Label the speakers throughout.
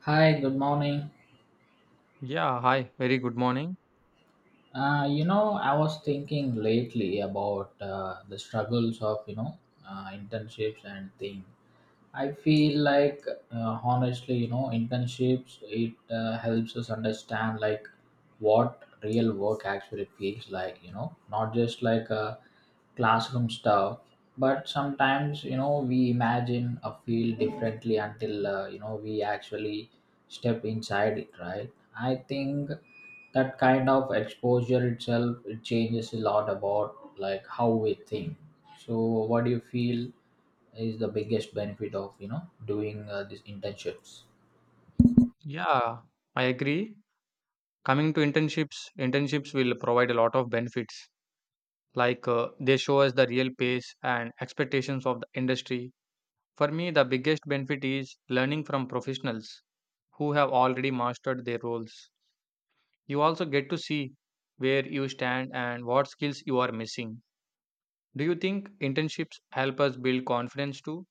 Speaker 1: Hi, good morning.
Speaker 2: Yeah, hi, very good morning.
Speaker 1: I was thinking lately about the struggles of, internships and thing. I feel like, honestly, you know, internships, it helps us understand like what real work actually feels like, you know, not just like a classroom stuff, but sometimes you know we imagine a field differently until you know we actually step inside it, right? I think that kind of exposure itself, it changes a lot about like how we think. So what do you feel is the biggest benefit of you know doing these internships?
Speaker 2: Yeah, I agree. Coming to internships, internships will provide a lot of benefits. Like they show us the real pace and expectations of the industry. For me, the biggest benefit is learning from professionals who have already mastered their roles. You also get to see where you stand and what skills you are missing. Do you think internships help us build confidence too?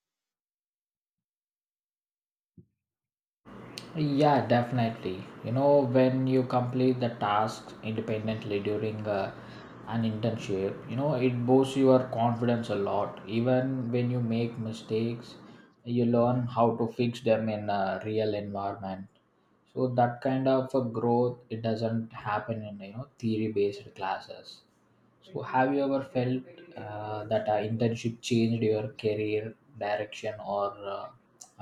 Speaker 1: Yeah, definitely, you know, when you complete the tasks independently during an internship, you know, it boosts your confidence a lot. Even when you make mistakes, you learn how to fix them in a real environment. So that kind of a growth, it doesn't happen in you know theory based classes. So have you ever felt that an internship changed your career direction or uh,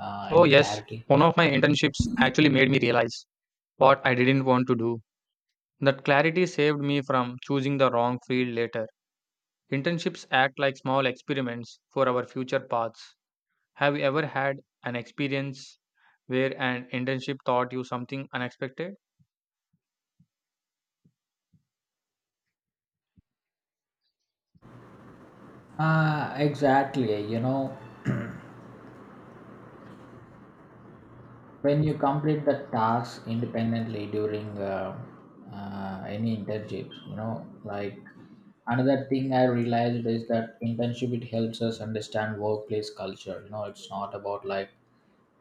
Speaker 1: uh,
Speaker 2: Oh,
Speaker 1: any
Speaker 2: yes.
Speaker 1: clarity?
Speaker 2: One of my internships actually made me realize what I didn't want to do. That clarity saved me from choosing the wrong field later. Internships act like small experiments for our future paths. Have you ever had an experience where an internship taught you something unexpected?
Speaker 1: Ah, exactly. You know, when you complete the task independently during any internships, you know, like another thing I realized is that internship it helps us understand workplace culture. You know, it's not about like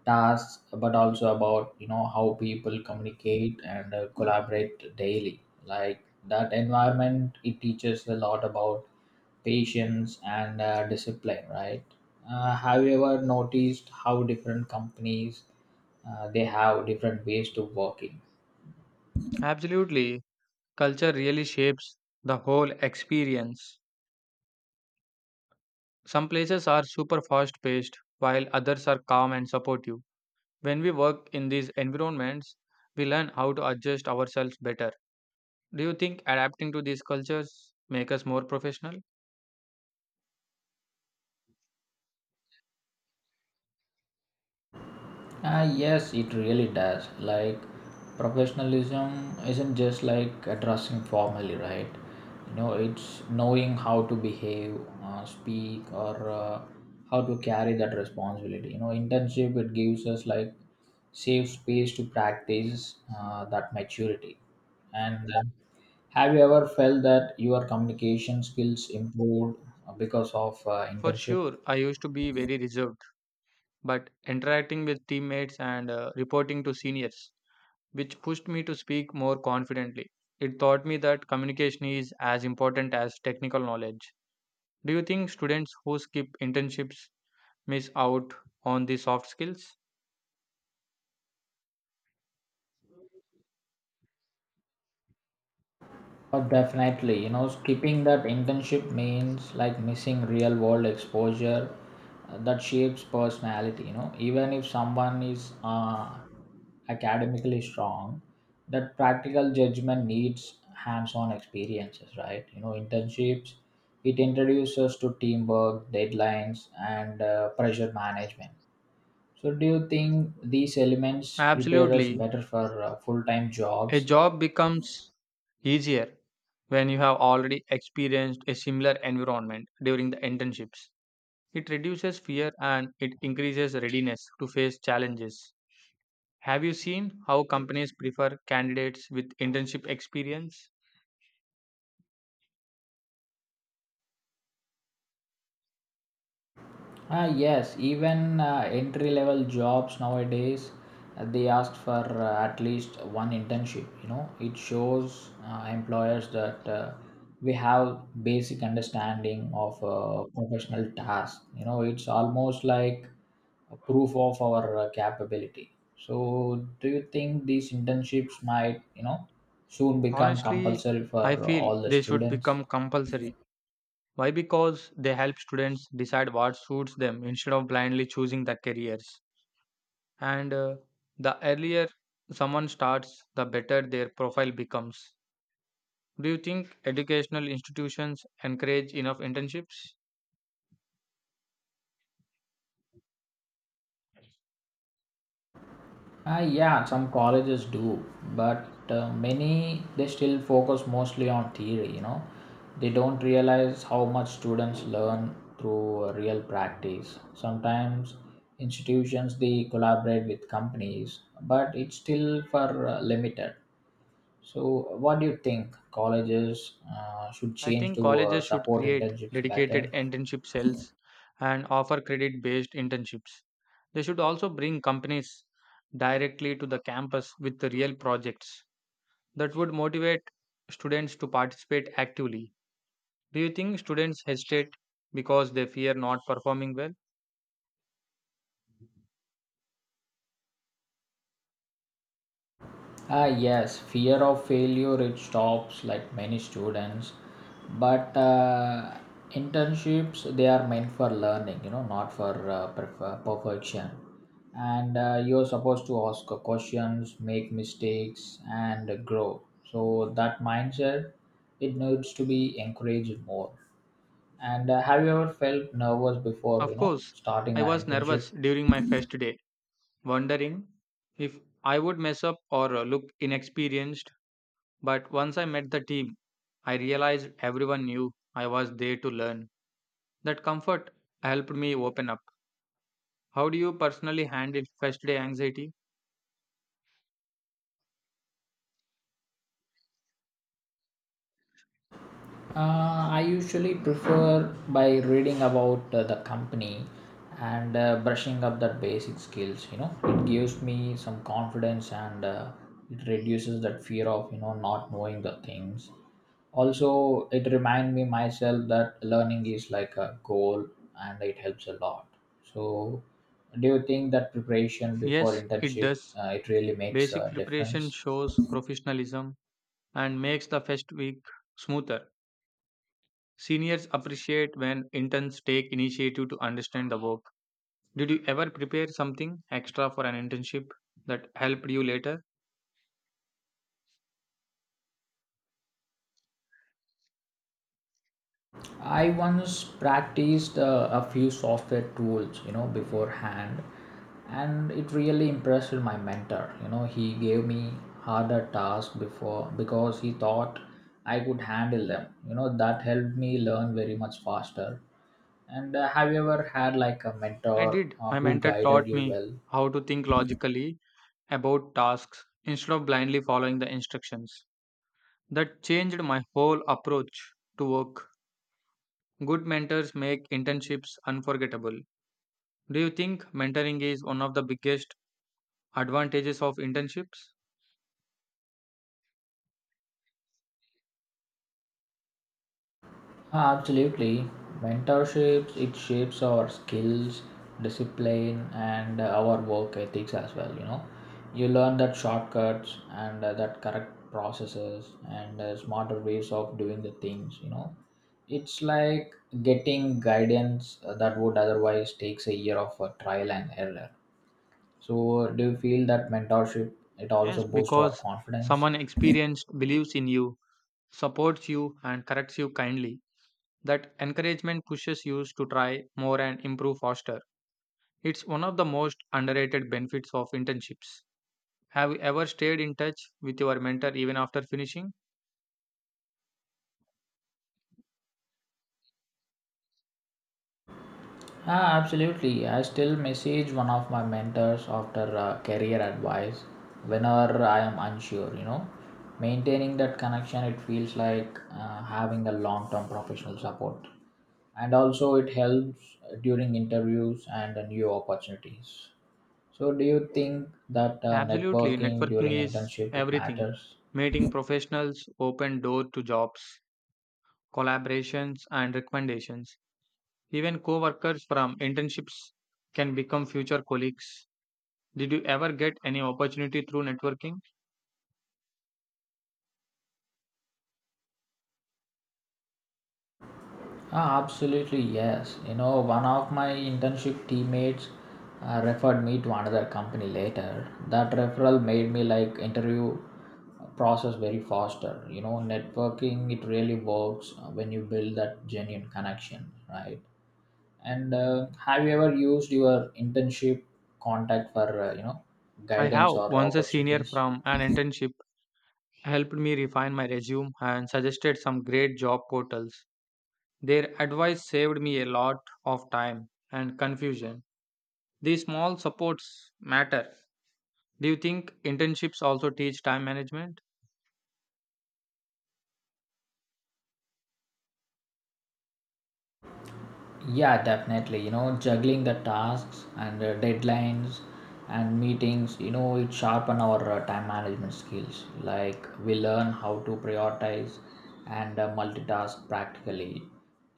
Speaker 1: tasks, but also about you know how people communicate and collaborate daily. Like that environment, it teaches a lot about patience and discipline, right? Have you ever noticed how different companies, they have different ways to working?
Speaker 2: Absolutely. Culture really shapes the whole experience. Some places are super fast paced, while others are calm and supportive. When we work in these environments, we learn how to adjust ourselves better. Do you think adapting to these cultures make us more professional?
Speaker 1: Ah, yes, it really does. Like, professionalism isn't just like dressing formally, right? You know, it's knowing how to behave, speak, or how to carry that responsibility. You know, internship it gives us like safe space to practice that maturity. And have you ever felt that your communication skills improved because of
Speaker 2: For
Speaker 1: internship?
Speaker 2: sure, I used to be very reserved, but interacting with teammates and reporting to seniors, which pushed me to speak more confidently. It taught me that communication is as important as technical knowledge. Do you think students who skip internships miss out on the soft skills?
Speaker 1: Oh, definitely. You know, skipping that internship means like missing real world exposure that shapes personality. You know, even if someone is academically strong, that practical judgment needs hands on experiences, right? You know, internships, it introduces to teamwork, deadlines, and pressure management. So, do you think these elements prepare us
Speaker 2: Absolutely.
Speaker 1: better for full time
Speaker 2: A
Speaker 1: jobs?
Speaker 2: job becomes easier when you have already experienced a similar environment during the internships. It reduces fear and it increases readiness to face challenges. Have you seen how companies prefer candidates with internship experience?
Speaker 1: Ah, yes, even entry level jobs nowadays, they ask for at least one internship. You know, it shows employers that we have basic understanding of professional task. You know, it's almost like a proof of our capability. So, do you think these internships might, you know, soon become
Speaker 2: Honestly,
Speaker 1: compulsory
Speaker 2: I
Speaker 1: for
Speaker 2: feel
Speaker 1: all the
Speaker 2: they should
Speaker 1: students?
Speaker 2: become compulsory. Why? Because they help students decide what suits them instead of blindly choosing the careers. And The earlier someone starts, the better their profile becomes. Do you think educational institutions encourage enough internships?
Speaker 1: Yeah, some colleges do, but many they still focus mostly on theory. You know, they don't realize how much students learn through real practice. Sometimes institutions they collaborate with companies, but it's still for limited. So, what do you think colleges should
Speaker 2: I
Speaker 1: change
Speaker 2: think
Speaker 1: to
Speaker 2: colleges should
Speaker 1: support
Speaker 2: create
Speaker 1: internships
Speaker 2: dedicated
Speaker 1: better?
Speaker 2: internship cells and offer credit based internships. They should also bring companies directly to the campus with the real projects that would motivate students to participate actively. Do you think students hesitate because they fear not performing well?
Speaker 1: Ah, yes, fear of failure it stops like many students, but internships they are meant for learning, you know, not for perfection. And you're supposed to ask questions, make mistakes, and grow. So that mindset, it needs to be encouraged more. And have you ever felt nervous before, you
Speaker 2: Of
Speaker 1: know,
Speaker 2: course,
Speaker 1: starting
Speaker 2: I
Speaker 1: an
Speaker 2: was
Speaker 1: internship?
Speaker 2: nervous during my first day, wondering if I would mess up or look inexperienced. But once I met the team, I realized everyone knew I was there to learn. That comfort helped me open up. How do you personally handle first day anxiety?
Speaker 1: I usually prefer by reading about the company and brushing up that basic skills. You know, it gives me some confidence and it reduces that fear of you know not knowing the things. Also, it reminds me myself that learning is like a goal and it helps a lot. So, do you think that preparation before
Speaker 2: Yes, it
Speaker 1: internship
Speaker 2: does.
Speaker 1: it really makes
Speaker 2: Basic
Speaker 1: a
Speaker 2: preparation
Speaker 1: difference?
Speaker 2: shows professionalism and makes the first week smoother. Seniors appreciate when interns take initiative to understand the work. Did you ever prepare something extra for an internship that helped you later?
Speaker 1: I once practiced a few software tools, you know, beforehand, and it really impressed my mentor. You know, he gave me harder tasks before because he thought I could handle them. You know, that helped me learn very much faster. And have you ever had like a
Speaker 2: I
Speaker 1: mentor
Speaker 2: did. My
Speaker 1: who
Speaker 2: mentor
Speaker 1: guided
Speaker 2: taught
Speaker 1: you
Speaker 2: me
Speaker 1: well?
Speaker 2: how to think logically about tasks instead of blindly following the instructions. That changed my whole approach to work. Good mentors make internships unforgettable. Do you think mentoring is one of the biggest advantages of internships?
Speaker 1: Ah, absolutely. Mentorship it shapes our skills, discipline, and our work ethics as well, you know. You learn that shortcuts and that correct processes and smarter ways of doing the things, you know. It's like getting guidance that would otherwise takes a year of trial and error. So, do you feel that mentorship it
Speaker 2: Yes,
Speaker 1: also boosts our
Speaker 2: because
Speaker 1: confidence?
Speaker 2: someone experienced believes in you, supports you, and corrects you kindly. That encouragement pushes you to try more and improve faster. It's one of the most underrated benefits of internships. Have you ever stayed in touch with your mentor even after finishing?
Speaker 1: Ah, absolutely. I still message one of my mentors after career advice whenever I am unsure, you know. Maintaining that connection, it feels like having a long term professional support. And also, it helps during interviews and new opportunities. So, do you think that
Speaker 2: Absolutely,
Speaker 1: networking
Speaker 2: networking
Speaker 1: during
Speaker 2: is
Speaker 1: internship it
Speaker 2: everything.
Speaker 1: matters?
Speaker 2: Meeting professionals open door to jobs, collaborations, and recommendations. Even co-workers from internships can become future colleagues. Did you ever get any opportunity through networking?
Speaker 1: Ah, absolutely, yes. You know, one of my internship teammates referred me to another company later. That referral made me like interview process very faster. You know, networking it really works when you build that genuine connection, right? And have you ever used your internship contact for you know
Speaker 2: I have.
Speaker 1: guidance or
Speaker 2: Once a senior
Speaker 1: opportunities?
Speaker 2: from an internship helped me refine my resume and suggested some great job portals. Their advice saved me a lot of time and confusion. These small supports matter. Do you think internships also teach time management?
Speaker 1: Yeah, definitely. You know, juggling the tasks and deadlines and meetings, you know, it sharpen our time management skills. Like we learn how to prioritize and multitask practically.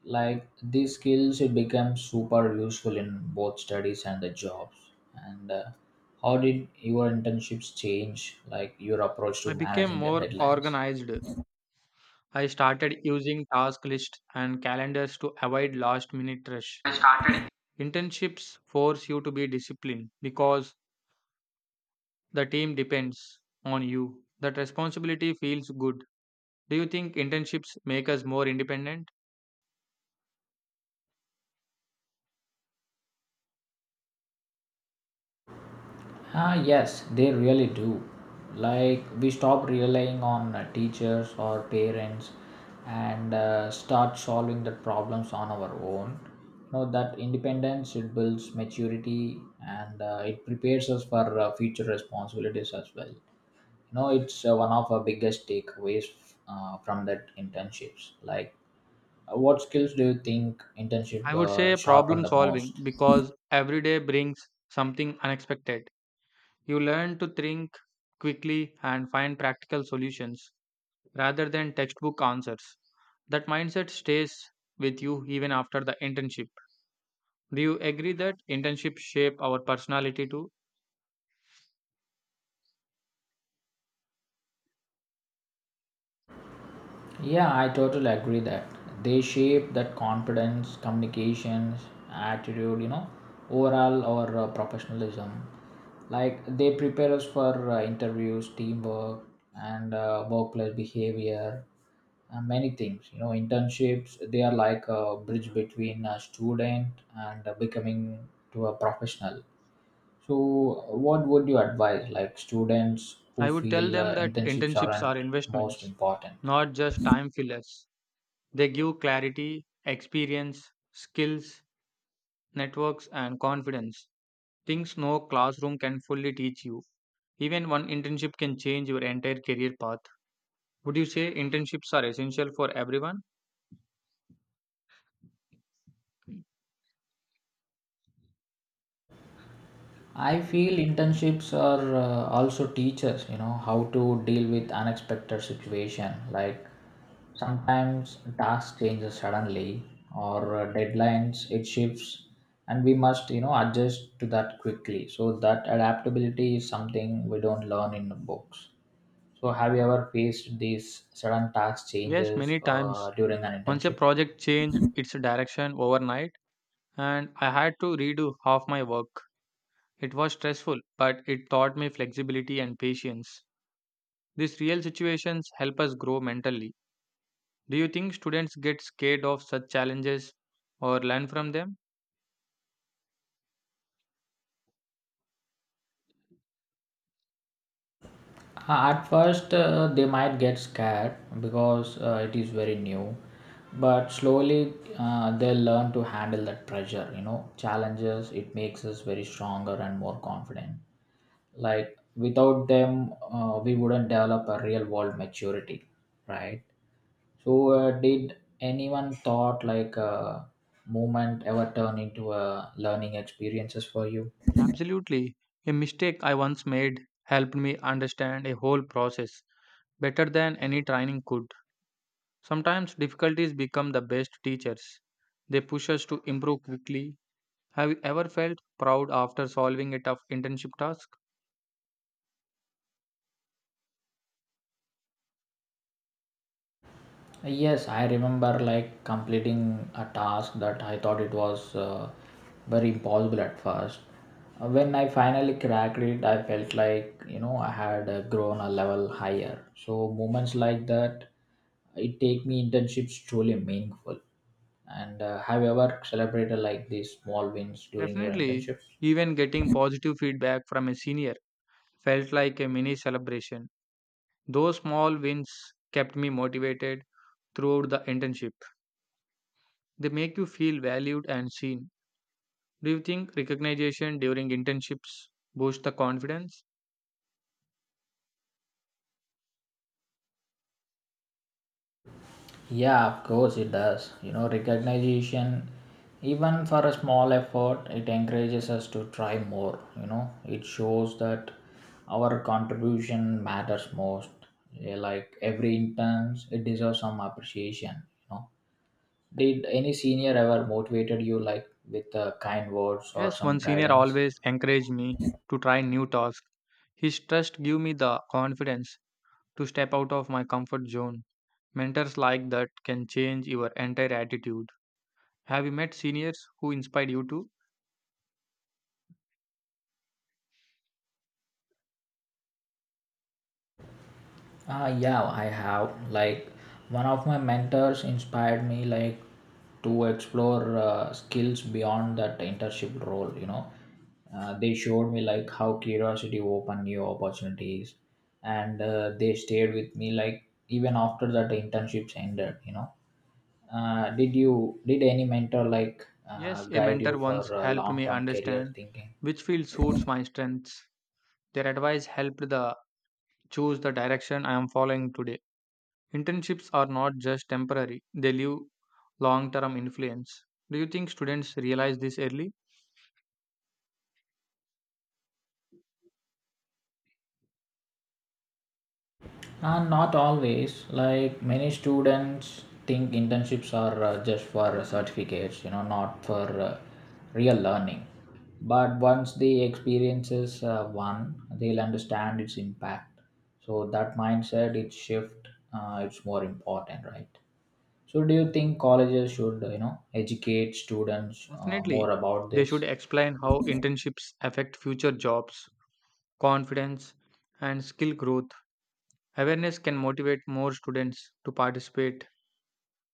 Speaker 1: Like these skills, it becomes super useful in both studies and the jobs. And how did your internships change, like your approach
Speaker 2: I
Speaker 1: to
Speaker 2: became
Speaker 1: managing the
Speaker 2: more
Speaker 1: deadlines?
Speaker 2: organized. I started using task lists and calendars to avoid last minute rush.
Speaker 1: I started.
Speaker 2: Internships force you to be disciplined because the team depends on you. That responsibility feels good. Do you think internships make us more independent?
Speaker 1: Ah, yes, they really do. Like, we stop relying on teachers or parents and start solving the problems on our own. Know that independence it builds maturity and it prepares us for future responsibilities as well. You know, it's one of our biggest takeaways from that internships. Like, what skills do you think internship
Speaker 2: I would say
Speaker 1: sharpen
Speaker 2: problem
Speaker 1: the
Speaker 2: solving
Speaker 1: most?
Speaker 2: because every day brings something unexpected. You learn to think quickly and find practical solutions, rather than textbook answers. That mindset stays with you even after the internship. Do you agree that internships shape our personality too?
Speaker 1: Yeah, I totally agree that they shape that confidence, communications, attitude, you know, overall or professionalism. Like they prepare us for interviews, teamwork, and workplace behavior, and many things. You know, internships they are like a bridge between a student and becoming to a professional. So, what would you advise like students who
Speaker 2: I would tell
Speaker 1: feel
Speaker 2: them that
Speaker 1: internships
Speaker 2: internships
Speaker 1: aren't
Speaker 2: are
Speaker 1: most
Speaker 2: investments,
Speaker 1: important?
Speaker 2: not just time fillers. They give clarity, experience, skills, networks, and confidence. Things no classroom can fully teach you. Even one internship can change your entire career path. Would you say internships are essential for everyone?
Speaker 1: I feel internships are also teachers, you know, how to deal with unexpected situation. Like sometimes task changes suddenly or deadlines it shifts and we must, you know, adjust to that quickly. So that adaptability is something we don't learn in the books. So have you ever faced these sudden task
Speaker 2: Yes,
Speaker 1: changes
Speaker 2: many times.
Speaker 1: during an
Speaker 2: Once a
Speaker 1: internship?
Speaker 2: project changed its direction overnight and I had to redo half my work. It was stressful, but it taught me flexibility and patience. These real situations help us grow mentally. Do you think students get scared of such challenges or learn from them?
Speaker 1: At first, they might get scared because it is very new, but slowly they'll learn to handle that pressure. You know, challenges it makes us very stronger and more confident. Like without them, we wouldn't develop a real world maturity, right? So, did anyone thought like a movement ever turn into a learning experiences for you?
Speaker 2: Absolutely. A mistake I once made helped me understand a whole process better than any training could. Sometimes difficulties become the best teachers. They push us to improve quickly. Have you ever felt proud after solving a tough internship task?
Speaker 1: Yes, I remember like completing a task that I thought it was very impossible at first. When I finally cracked it, I felt like you know I had grown a level higher. So moments like that, it take me internships truly meaningful. And have you ever celebrated like these small wins during your
Speaker 2: Definitely,
Speaker 1: internships?
Speaker 2: even getting positive feedback from a senior felt like a mini celebration. Those small wins kept me motivated throughout the internship. They make you feel valued and seen. Do you think recognition during internships boosts the confidence?
Speaker 1: Yeah, of course it does. You know, recognition, even for a small effort, it encourages us to try more. You know, it shows that our contribution matters most. Yeah, like every intern, it deserves some appreciation. You know, did any senior ever motivated you like with kind words or
Speaker 2: Yes,
Speaker 1: some
Speaker 2: one senior
Speaker 1: guidance?
Speaker 2: always encouraged me to try new tasks. His trust gave me the confidence to step out of my comfort zone. Mentors like that can change your entire attitude. Have you met seniors who inspired you too?
Speaker 1: Ah, yeah, I have. Like, one of my mentors inspired me, like, to explore skills beyond that internship role. You know, they showed me like how curiosity opened new opportunities, and they stayed with me like even after that internships ended. You know, did any mentor like
Speaker 2: Yes, a
Speaker 1: guide you
Speaker 2: mentor
Speaker 1: for
Speaker 2: once helped
Speaker 1: long
Speaker 2: me
Speaker 1: term career
Speaker 2: understand
Speaker 1: thinking?
Speaker 2: which field suits my strengths. Their advice helped the choose the direction I am following today. Internships are not just temporary, they leave long-term influence. Do you think students realize this early?
Speaker 1: And not always, like many students think internships are just for certificates, you know, not for real learning. But once the experiences one, they'll understand its impact. So that mindset, its shift, it's more important, right? So do you think colleges should, you know, educate students more
Speaker 2: Definitely.
Speaker 1: about
Speaker 2: They should
Speaker 1: this?
Speaker 2: explain how internships affect future jobs, confidence, and skill growth. Awareness can motivate more students to participate.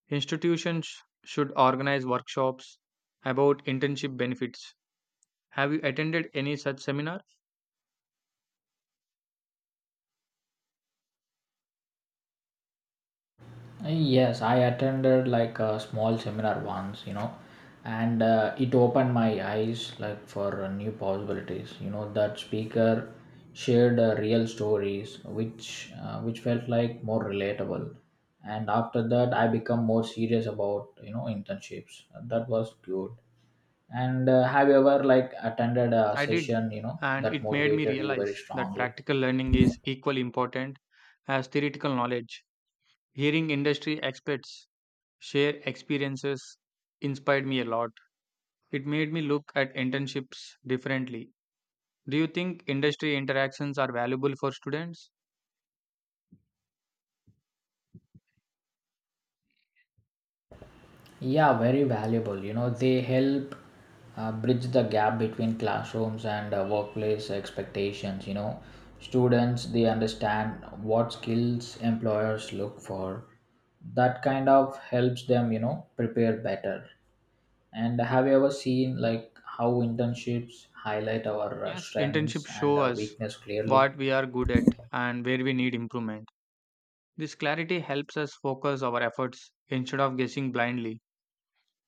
Speaker 2: Institutions should organize workshops about internship benefits. Have you attended any such seminar?
Speaker 1: Yes, I attended like a small seminar once, you know, and it opened my eyes like for new possibilities. You know, that speaker shared real stories which which felt like more relatable. And after that, I become more serious about, you know, internships. That was good. And have you ever like attended a
Speaker 2: I did,
Speaker 1: session, you know,
Speaker 2: and
Speaker 1: that
Speaker 2: it made me
Speaker 1: motivated you very
Speaker 2: realize that
Speaker 1: strongly?
Speaker 2: practical learning is equally important as theoretical knowledge. Hearing industry experts share experiences inspired me a lot. It made me look at internships differently. Do you think industry interactions are valuable for students?
Speaker 1: Yeah, very valuable. You know, they help bridge the gap between classrooms and workplace expectations. You know, students they understand what skills employers look for. That kind of helps them, you know, prepare better. And have you ever seen like how internships highlight our
Speaker 2: Yes, internships
Speaker 1: strengths
Speaker 2: show
Speaker 1: and
Speaker 2: us
Speaker 1: weakness clearly?
Speaker 2: what we are good at and where we need improvement. This clarity helps us focus our efforts instead of guessing blindly.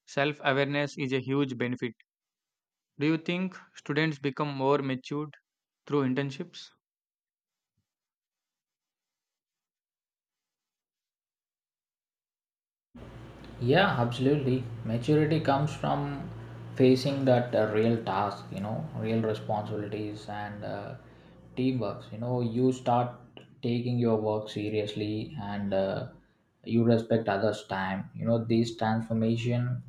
Speaker 2: Self awareness is a huge benefit. Do you think students become more matured through internships?
Speaker 1: Yeah, absolutely. Maturity comes from facing that real task, you know, real responsibilities and teamwork. You know, you start taking your work seriously and you respect others' time. You know, this transformation,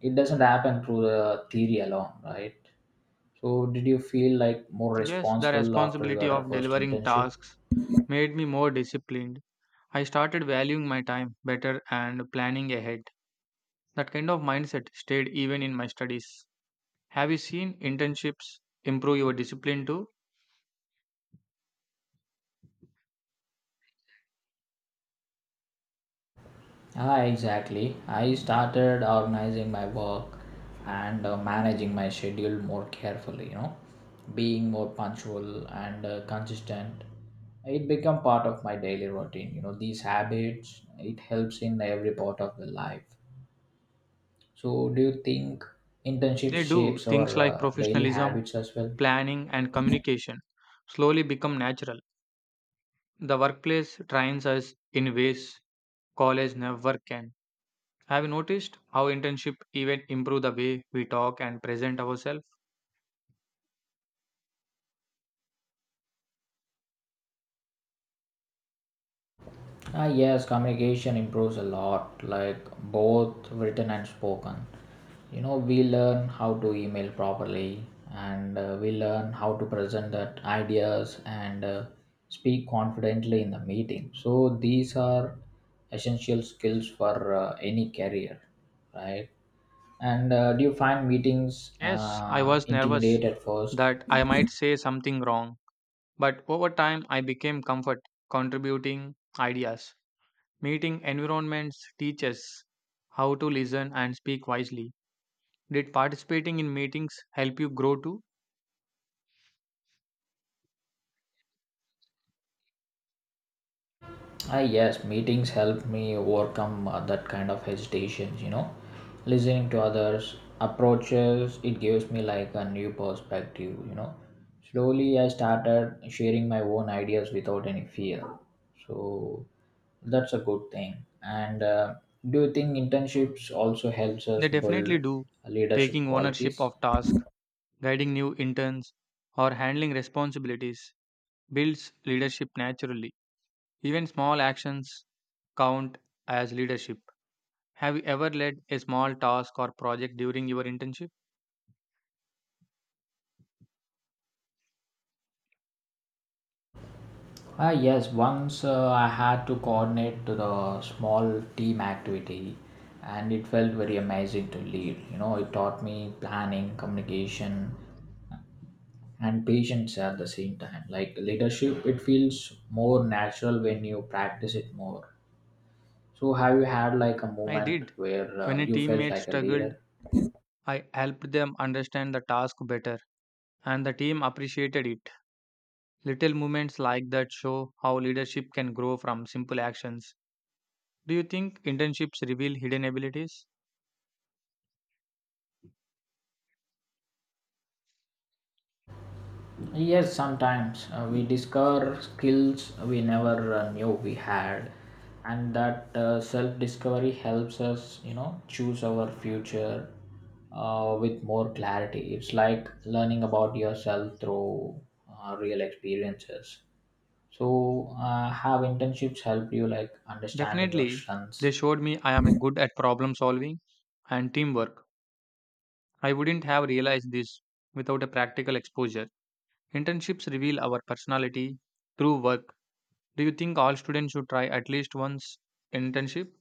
Speaker 1: it doesn't happen through the theory alone, right? So, did you feel like more
Speaker 2: Yes, the
Speaker 1: responsible after
Speaker 2: responsibility
Speaker 1: your
Speaker 2: of
Speaker 1: first
Speaker 2: delivering
Speaker 1: internship?
Speaker 2: tasks made me more disciplined. I started valuing my time better and planning ahead. That kind of mindset stayed even in my studies. Have you seen internships improve your discipline too?
Speaker 1: Ah, exactly. I started organizing my work and managing my schedule more carefully, you know, being more punctual and consistent. It become part of my daily routine. You know, these habits, it helps in every part of the life. So, do you think internship
Speaker 2: They do
Speaker 1: shapes
Speaker 2: things
Speaker 1: our
Speaker 2: like
Speaker 1: daily
Speaker 2: professionalism,
Speaker 1: habits as well?
Speaker 2: planning, and communication slowly become natural. The workplace trains us in ways college never can. Have you noticed how internship even improve the way we talk and present ourselves?
Speaker 1: Ah, yes, communication improves a lot, like both written and spoken. You know, we learn how to email properly and we learn how to present that ideas and speak confidently in the meeting. So, these are essential skills for any career, right? And do you find meetings
Speaker 2: Yes, I was nervous
Speaker 1: intimidate at first?
Speaker 2: that I might say something wrong, but over time I became comfort contributing ideas. Meeting environments teaches how to listen and speak wisely. Did participating in meetings help you grow too?
Speaker 1: Ah, yes, meetings help me overcome that kind of hesitations, you know. Listening to others' approaches, it gives me like a new perspective, you know. Slowly, I started sharing my own ideas without any fear. So, that's a good thing. And do you think internships also helps
Speaker 2: They
Speaker 1: us
Speaker 2: definitely
Speaker 1: build
Speaker 2: do,
Speaker 1: leadership
Speaker 2: taking ownership
Speaker 1: qualities?
Speaker 2: of tasks, guiding new interns, or handling responsibilities builds leadership naturally. Even small actions count as leadership. Have you ever led a small task or project during your internship?
Speaker 1: Ah, yes, once I had to coordinate to the small team activity and it felt very amazing to lead. You know, it taught me planning, communication, and patience at the same time. Like leadership, it feels more natural when you practice it more. So, have you had like a
Speaker 2: I
Speaker 1: moment
Speaker 2: did.
Speaker 1: where
Speaker 2: When a
Speaker 1: you felt
Speaker 2: teammate
Speaker 1: like a
Speaker 2: struggled,
Speaker 1: leader?
Speaker 2: I helped them understand the task better, and the team appreciated it. Little moments like that show how leadership can grow from simple actions. Do you think internships reveal hidden abilities?
Speaker 1: Yes, sometimes we discover skills we never knew we had, and that self discovery helps us, you know, choose our future with more clarity. It's like learning about yourself through real experiences. So, have internships help you like understanding your
Speaker 2: Definitely, they
Speaker 1: strengths?
Speaker 2: showed me I am a good at problem solving and teamwork. I wouldn't have realized this without a practical exposure. Internships reveal our personality through work. Do you think all students should try at least once internship?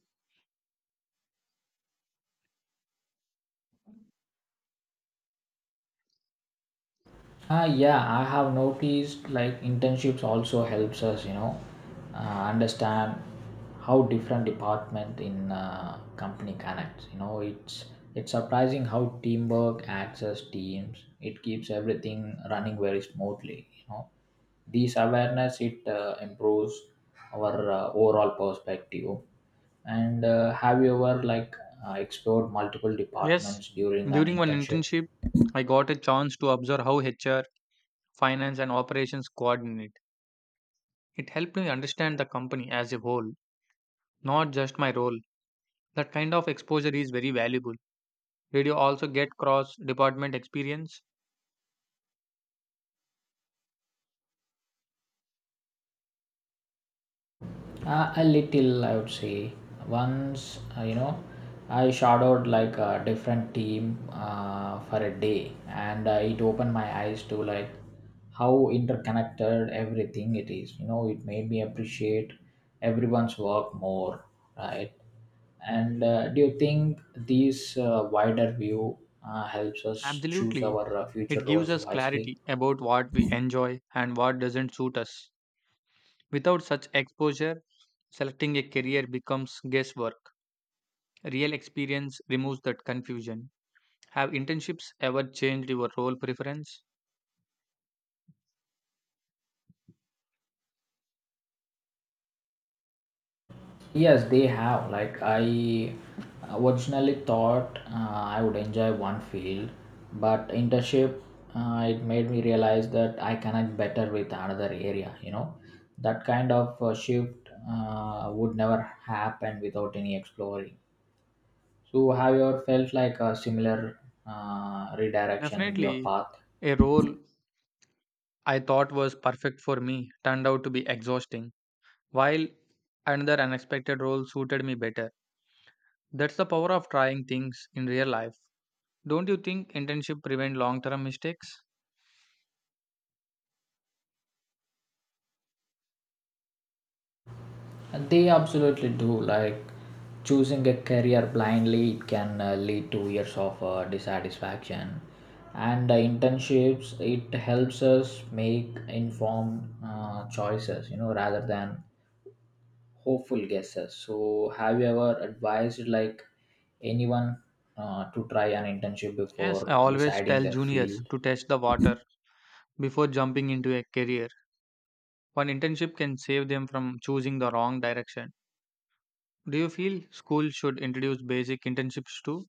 Speaker 1: Yeah, I have noticed like internships also helps us, you know, understand how different department in company connects. You know, it's surprising how teamwork acts as teams. It keeps everything running very smoothly. You know, this awareness it improves our overall perspective. And have you ever like explored multiple
Speaker 2: Yes.
Speaker 1: departments during an
Speaker 2: During one
Speaker 1: internship?
Speaker 2: internship, I got a chance to observe how HR, finance, and operations coordinate. It helped me understand the company as a whole, not just my role. That kind of exposure is very valuable. Did you also get cross department experience?
Speaker 1: A little, I would say. Once, you know, I shadowed like a different team for a day, and it opened my eyes to like how interconnected everything it is. You know, it made me appreciate everyone's work more, right? And do you think this wider view helps us choose
Speaker 2: Absolutely.
Speaker 1: our future
Speaker 2: It gives
Speaker 1: roles
Speaker 2: us
Speaker 1: wisely?
Speaker 2: clarity about what we enjoy and what doesn't suit us. Without such exposure, selecting a career becomes guesswork. Real experience removes that confusion. Have internships ever changed your role preference?
Speaker 1: Yes, they have. Like I originally thought I would enjoy one field, but internship it made me realize that I connect better with another area. You know, that kind of shift would never happen without any exploring. So, have you ever felt like a similar redirection in your
Speaker 2: Definitely,
Speaker 1: path?
Speaker 2: a role I thought was perfect for me turned out to be exhausting, while another unexpected role suited me better. That's the power of trying things in real life. Don't you think internship prevent long-term mistakes?
Speaker 1: They absolutely do. Like choosing a career blindly it can lead to years of dissatisfaction. And internships it helps us make informed choices, you know, rather than hopeful guesses. So, have you ever advised like anyone to try an internship
Speaker 2: Yes, I
Speaker 1: before
Speaker 2: always
Speaker 1: deciding
Speaker 2: tell
Speaker 1: their
Speaker 2: juniors
Speaker 1: field?
Speaker 2: to test the water before jumping into a career. One internship can save them from choosing the wrong direction. Do you feel schools should introduce basic internships too?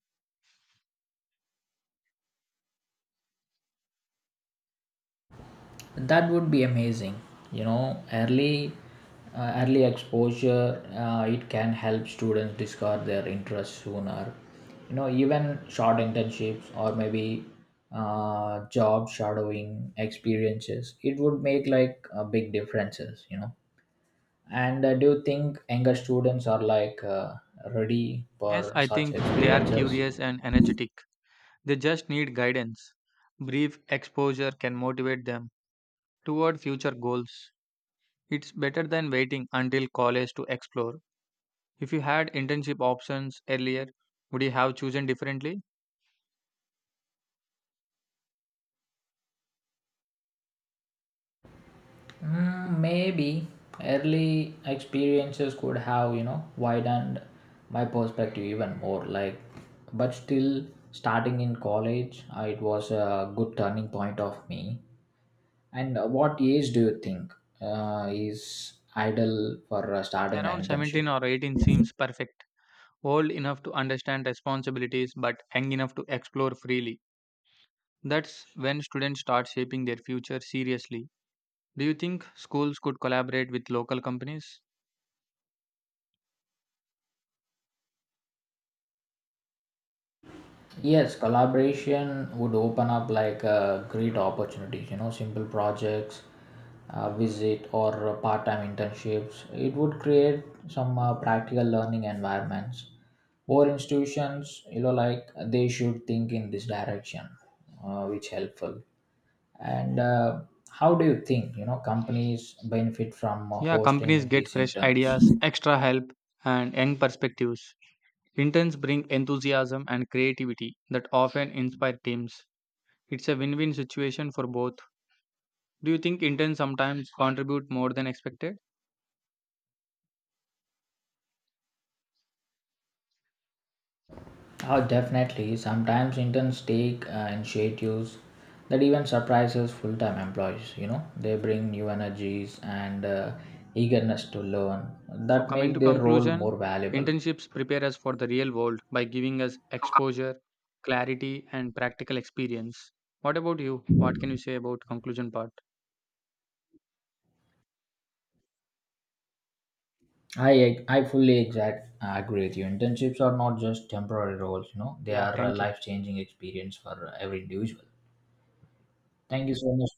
Speaker 1: That would be amazing. You know, early exposure it can help students discover their interests sooner. You know, even short internships or maybe job shadowing experiences, it would make like big differences. You know, and do you think younger students are like ready
Speaker 2: Yes,
Speaker 1: for
Speaker 2: I
Speaker 1: such
Speaker 2: think they are
Speaker 1: experiences?
Speaker 2: curious and energetic. They just need guidance. Brief exposure can motivate them toward future goals. It's better than waiting until college to explore. If you had internship options earlier, would you have chosen differently?
Speaker 1: Mm, maybe early experiences could have, you know, widened my perspective even more. Like, but still, starting in college, it was a good turning point of me. And what age do you think is ideal for starting
Speaker 2: Around
Speaker 1: an internship?
Speaker 2: 17 or 18 seems perfect old enough to understand responsibilities but young enough to explore freely. That's when students start shaping their future seriously. Do you think schools could collaborate with local companies?
Speaker 1: Yes, collaboration would open up like great opportunities, you know, simple projects, visit or part-time internships. It would create some practical learning environments. More institutions, you know, like they should think in this direction, which helpful. And how do you think, you know, companies benefit from
Speaker 2: Yeah, companies
Speaker 1: hosting
Speaker 2: get
Speaker 1: these
Speaker 2: fresh
Speaker 1: interns?
Speaker 2: ideas, extra help, and young perspectives. Interns bring enthusiasm and creativity that often inspire teams. It's a win win situation for both. Do you think interns sometimes contribute more than expected?
Speaker 1: Oh, definitely. Sometimes interns take initiatives that even surprises full-time employees. You know, they bring new energies and eagerness to learn
Speaker 2: So,
Speaker 1: that
Speaker 2: coming to
Speaker 1: make their role
Speaker 2: conclusion,
Speaker 1: more valuable.
Speaker 2: internships prepare us for the real world by giving us exposure, clarity, and practical experience. What about you? What can you say about conclusion part?
Speaker 1: I fully exact I agree with you. Internships are not just temporary roles. You know, they
Speaker 2: Yeah,
Speaker 1: are a
Speaker 2: thank you.
Speaker 1: life-changing experience for every individual. Thank you so much